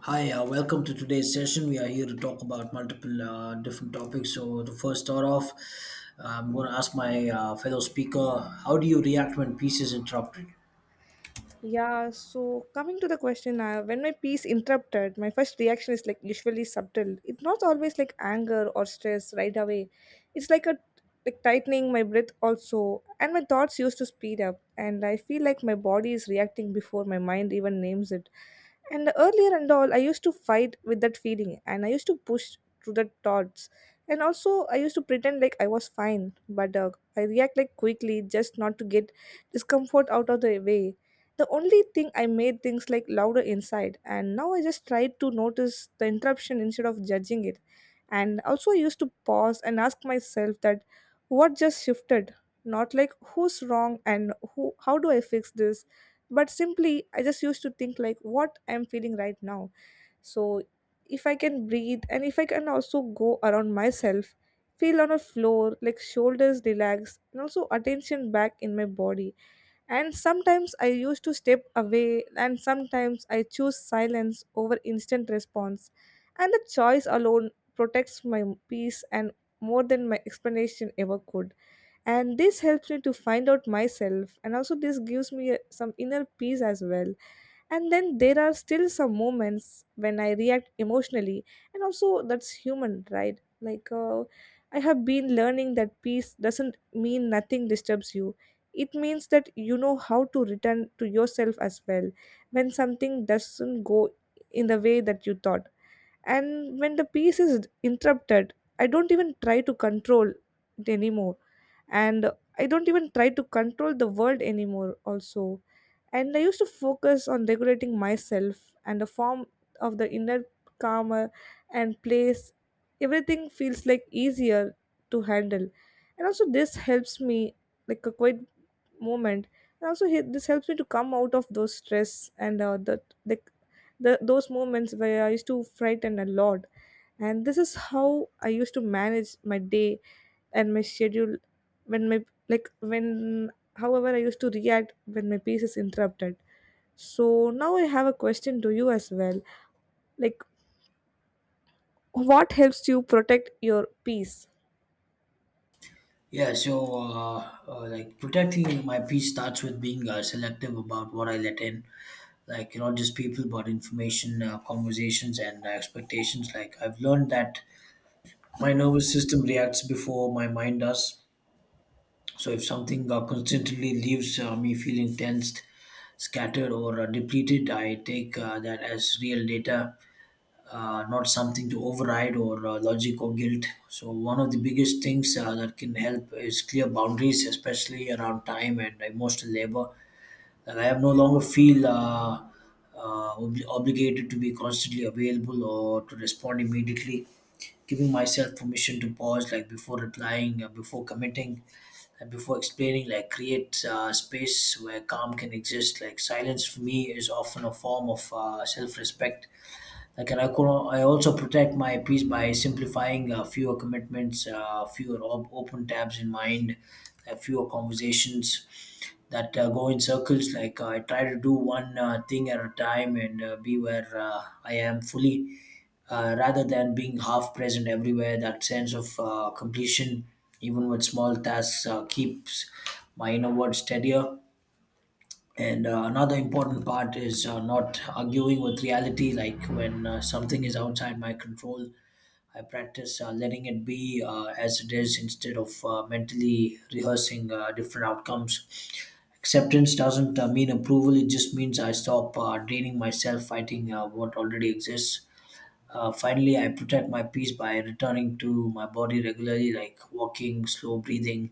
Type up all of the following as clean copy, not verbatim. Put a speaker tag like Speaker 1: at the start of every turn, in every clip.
Speaker 1: Hi, welcome to today's session. We are here to talk about multiple different topics. So, to first start off, I'm going to ask my fellow speaker, how do you react when peace is interrupted?
Speaker 2: Yeah, so coming to the question, when my peace interrupted, my first reaction is like usually subtle. It's not always like anger or stress right away. It's like a like tightening my breath also, and my thoughts used to speed up, and I feel like my body is reacting before my mind even names it. And earlier and all, I used to fight with that feeling, and I used to push through the thoughts, and also I used to pretend like I was fine, but I react like quickly just not to get discomfort out of the way the only thing I made things like louder inside, and now I just try to notice the interruption instead of judging it. And also, I used to pause and ask myself that what just shifted, not like who's wrong and who, how do I fix this, but simply I just used to think like what I'm feeling right now. So, if I can breathe and if I can also go around myself, feel on a floor, like shoulders relax, and also attention back in my body, and sometimes I used to step away, and sometimes I choose silence over instant response. And the choice alone protects my peace and more than my explanation ever could. And this helps me to find out myself, and also this gives me some inner peace as well. And then there are still some moments when I react emotionally, and also that's human right like I have been learning that peace doesn't mean nothing disturbs you. It means that you know how to return to yourself as well when something doesn't go in the way that you thought. And when the peace is interrupted, I don't even try to control it anymore, and I don't even try to control the world anymore also. And I used to focus on regulating myself and the form of the inner calmer and place, everything feels like easier to handle. And also this helps me like a quite moment, and also he, this helps me to come out of those stress and the those moments where I used to frighten a lot. And this is how I used to manage my day and my schedule when my like when however I used to react when my peace is interrupted. So now I have a question to you as well, like what helps you protect your peace?
Speaker 1: Yeah, so like protecting my peace starts with being selective about what I let in, like not just people, but information, conversations, and expectations. Like I've learned that my nervous system reacts before my mind does. So if something constantly leaves me feeling tensed, scattered or depleted. I take that as real data, not something to override or logic or guilt. So, one of the biggest things that can help is clear boundaries, especially around time and emotional labor, and I have no longer feel obligated to be constantly available or to respond immediately. Giving myself permission to pause, like before replying, before committing, and before explaining, like create space where calm can exist. Like silence for me is often a form of self-respect, I also protect my piece by simplifying fewer commitments, fewer open tabs in mind, fewer conversations that go in circles. Like I try to do one thing at a time and be where I am fully, rather than being half present everywhere. That sense of completion, even with small tasks, keeps my inner world steadier. And another important part is not arguing with reality. Like when something is outside my control, I practice letting it be as it is instead of mentally rehearsing different outcomes. Acceptance doesn't mean approval, it just means I stop draining myself fighting what already exists. Finally, I protect my peace by returning to my body regularly, like walking, slow breathing,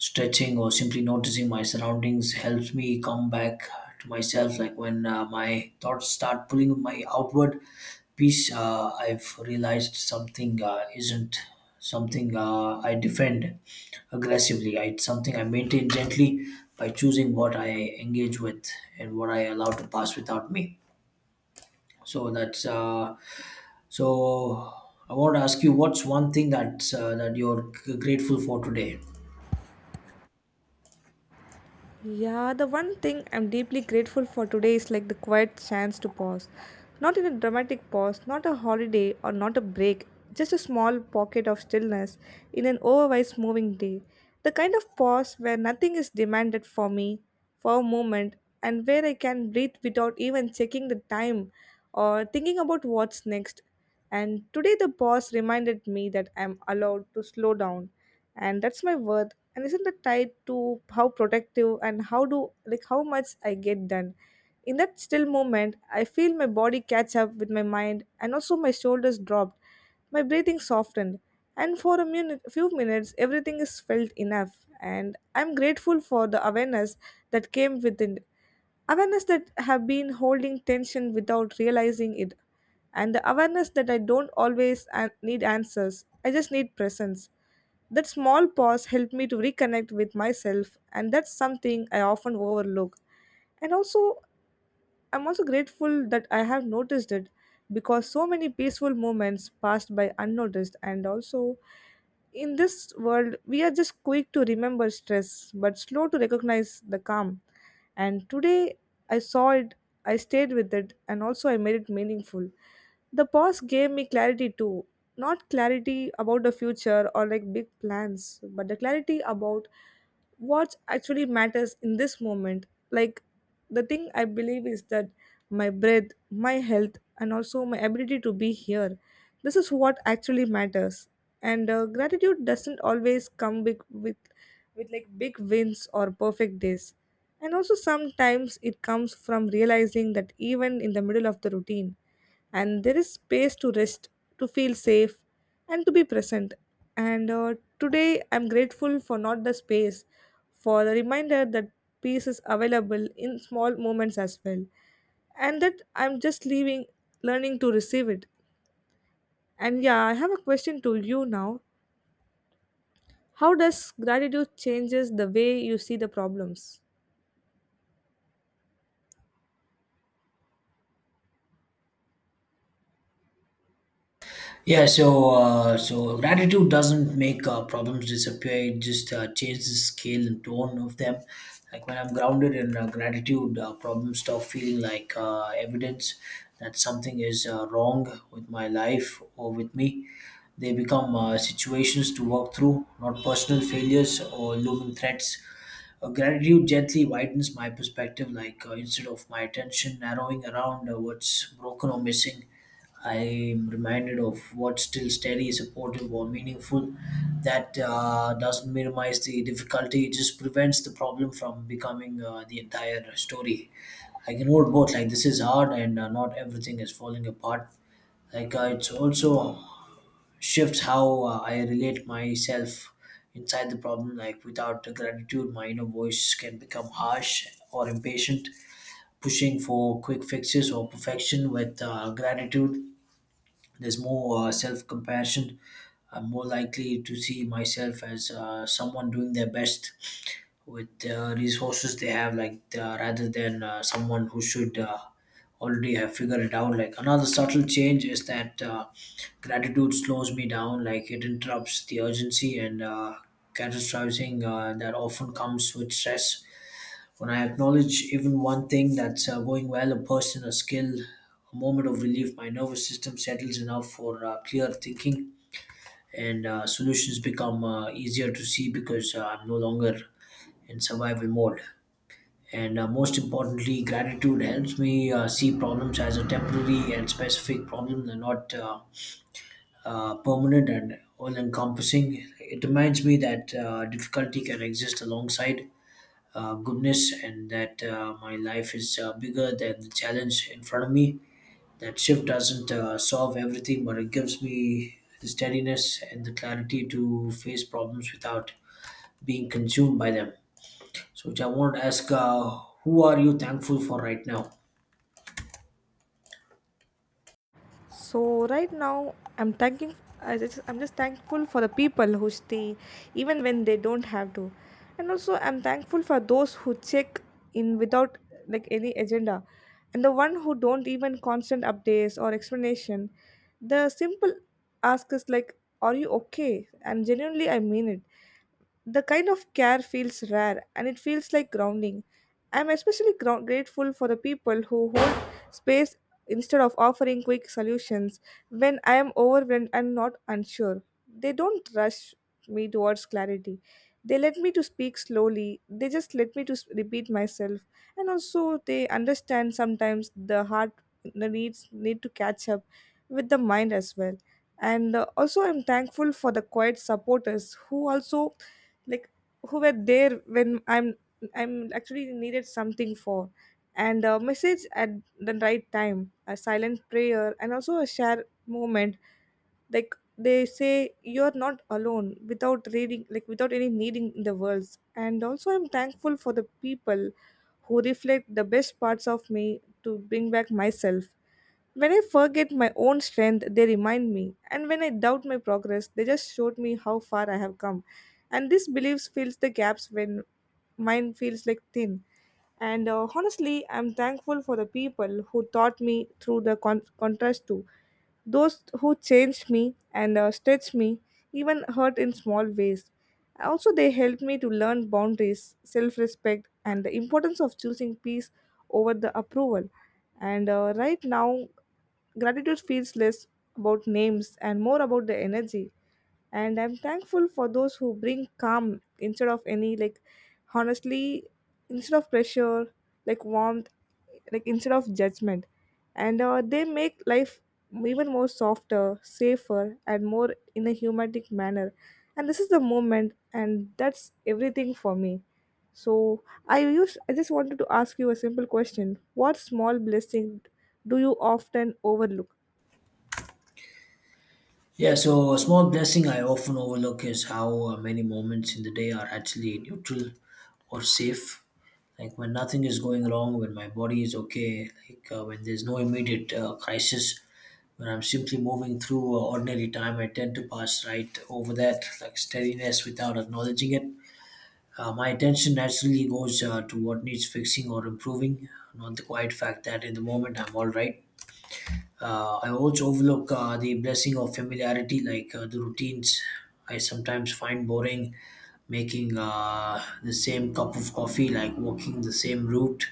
Speaker 1: stretching or simply noticing my surroundings helps me come back to myself. Like when my thoughts start pulling my outward piece, I've realized something isn't something I defend aggressively. It's something I maintain gently by choosing what I engage with and what I allow to pass without me. So that's so. I want to ask you, what's one thing that you're grateful for today?
Speaker 2: Yeah, the one thing I'm deeply grateful for today is like the quiet chance to pause. Not in a dramatic pause, not a holiday or not a break, just a small pocket of stillness in an otherwise moving day. The kind of pause where nothing is demanded for me for a moment, and where I can breathe without even checking the time or thinking about what's next. And today the pause reminded me that I'm allowed to slow down, and that's my worth, and isn't it tied to how protective and how do like how much I get done. In that still moment I feel my body catch up with my mind, and also my shoulders dropped, my breathing softened, and for a minute, few minutes everything is felt enough, and I'm grateful for the awareness that came within, awareness that have been holding tension without realizing it, and the awareness that I don't always need answers, I just need presence. That small pause helped me to reconnect with myself, and that's something I often overlook. And also I'm also grateful that I have noticed it, because so many peaceful moments passed by unnoticed. And also in this world we are just quick to remember stress but slow to recognize the calm. And today I saw it, I stayed with it, and also I made it meaningful. The pause gave me clarity too, not clarity about the future or like big plans, but the clarity about what actually matters in this moment, like the thing I believe is that my breath, my health, and also my ability to be here. This is what actually matters. And gratitude doesn't always come with like big wins or perfect days. And also sometimes it comes from realizing that even in the middle of the routine, and there is space to rest, to feel safe, and to be present. And today, I'm grateful for not the space, for the reminder that peace is available in small moments as well, and that I'm just leaving, learning to receive it. And yeah, I have a question to you now. How does gratitude changes the way you see the problems?
Speaker 1: Yeah, so gratitude doesn't make problems disappear. It just changes the scale and tone of them. Like when I'm grounded in gratitude, problems stop feeling like evidence that something is wrong with my life or with me. They become situations to work through, not personal failures or looming threats. Gratitude gently widens my perspective, instead of my attention narrowing around what's broken or missing, I'm reminded of what's still steady, supportive, or meaningful. That doesn't minimize the difficulty, it just prevents the problem from becoming the entire story. I can hold both, like, this is hard, and not everything is falling apart. It's also shifts how I relate myself inside the problem. Like, without the gratitude, my inner voice can become harsh or impatient, pushing for quick fixes or perfection. With gratitude there's more self compassion. I'm more likely to see myself as someone doing their best with the resources they have, rather than someone who should already have figured it out. Like another subtle change is that gratitude slows me down, like it interrupts the urgency and catastrophizing that often comes with stress. When I acknowledge even one thing that's going well, a person, a skill, a moment of relief, my nervous system settles enough for clear thinking and solutions become easier to see because I'm no longer in survival mode. And most importantly, gratitude helps me see problems as a temporary and specific problem. They're not permanent and all encompassing. It reminds me that difficulty can exist alongside goodness and that my life is bigger than the challenge in front of me. That shift doesn't solve everything, but it gives me the steadiness and the clarity to face problems without being consumed by them. So, which I want to ask, who are you thankful for right now?
Speaker 2: So right now I'm thanking, I just, I'm just thankful for the people who stay even when they don't have to. And also I'm thankful for those who check in without like any agenda, and the one who don't even constant updates or explanation. The simple ask is like are you okay? And genuinely I mean it, the kind of care feels rare and it feels like grounding. I'm especially grateful for the people who hold space instead of offering quick solutions when I am overwhelmed and not unsure. They don't rush me towards clarity. They let me to speak slowly. They just let me to repeat myself. And also they understand sometimes the heart the needs need to catch up with the mind as well. And also I'm thankful for the quiet supporters who also like who were there when I'm actually needed something for, and a message at the right time, a silent prayer, and also a share moment, like they say you're not alone without reading like without any needing in the world. And also I'm thankful for the people who reflect the best parts of me to bring back myself. When I forget my own strength, they remind me. And when I doubt my progress, they just showed me how far I have come. And this beliefs fills the gaps when mine feels like thin. And honestly, I'm thankful for the people who taught me through the contrast too. Those who changed me and stretched me, even hurt in small ways. Also, they helped me to learn boundaries, self respect, and the importance of choosing peace over the approval. And right now, gratitude feels less about names and more about the energy. And I'm thankful for those who bring calm instead of any, like, honestly, instead of pressure, like warmth like instead of judgment, and they make life even more softer safer and more in a humanistic manner, and this is the moment and that's everything for me. So I use I just wanted to ask you a simple question, what small blessing do you often overlook?
Speaker 1: Yeah, so a small blessing I often overlook is how many moments in the day are actually neutral or safe. Like when nothing is going wrong, when my body is okay, when there's no immediate crisis, when I'm simply moving through ordinary time, I tend to pass right over that, like steadiness, without acknowledging it. My attention naturally goes to what needs fixing or improving, not the quiet fact that in the moment I'm all right. I also overlook the blessing of familiarity, the routines I sometimes find boring, making the same cup of coffee, like walking the same route,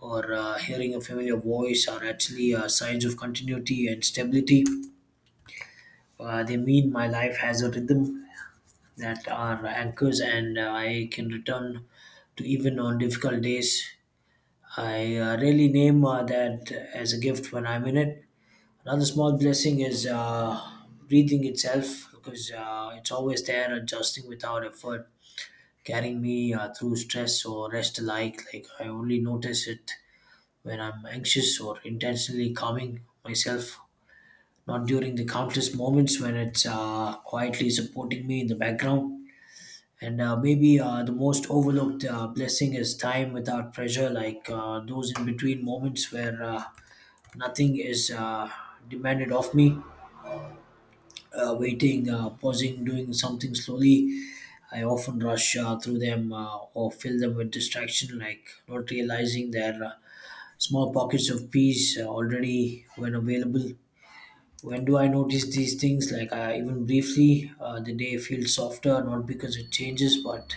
Speaker 1: or hearing a familiar voice, are actually signs of continuity and stability. They mean my life has a rhythm that are anchors, and I can return to even on difficult days. I really name that as a gift when I'm in it. Another small blessing is breathing itself because it's always there, adjusting without effort, carrying me through stress or rest alike. Like I only notice it when I'm anxious or intentionally calming myself, not during the countless moments when it's quietly supporting me in the background. And maybe the most overlooked blessing is time without pressure, those in between moments where nothing is demanded of me. Waiting, pausing, doing something slowly. I often rush through them or fill them with distraction, like not realizing their small pockets of peace already when available. When do I notice these things? Even briefly, the day feels softer, not because it changes, but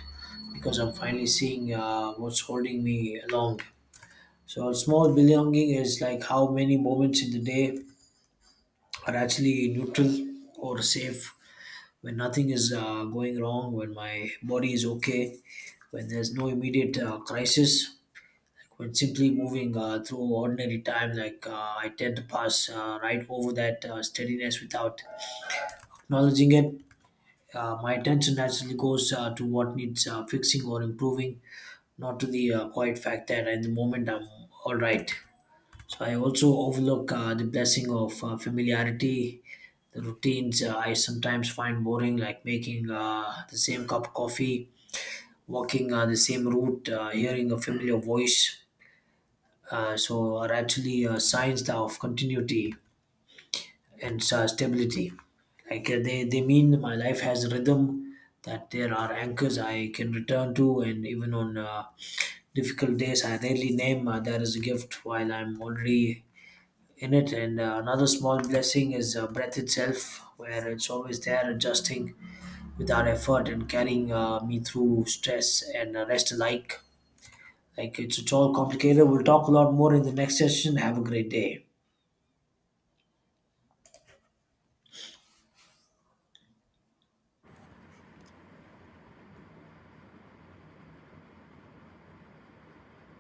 Speaker 1: because I'm finally seeing what's holding me along. So, small belonging is like how many moments in the day are actually neutral or safe, when nothing is going wrong, when my body is okay, when there's no immediate crisis, like when simply moving through ordinary time, I tend to pass right over that steadiness without acknowledging it. My attention naturally goes to what needs fixing or improving, not to the quiet fact that at the moment I'm all right. So I also overlook the blessing of familiarity. The routines I sometimes find boring, like making the same cup of coffee, walking the same route, hearing a familiar voice. So are actually signs of continuity and stability. They mean my life has a rhythm, that there are anchors I can return to, and even on difficult days, I rarely name there is a gift while I'm already in it. And another small blessing is breath itself, where it's always there, adjusting without effort and carrying me through stress and rest alike. It's all complicated. We'll talk a lot more in the next session. Have a great day.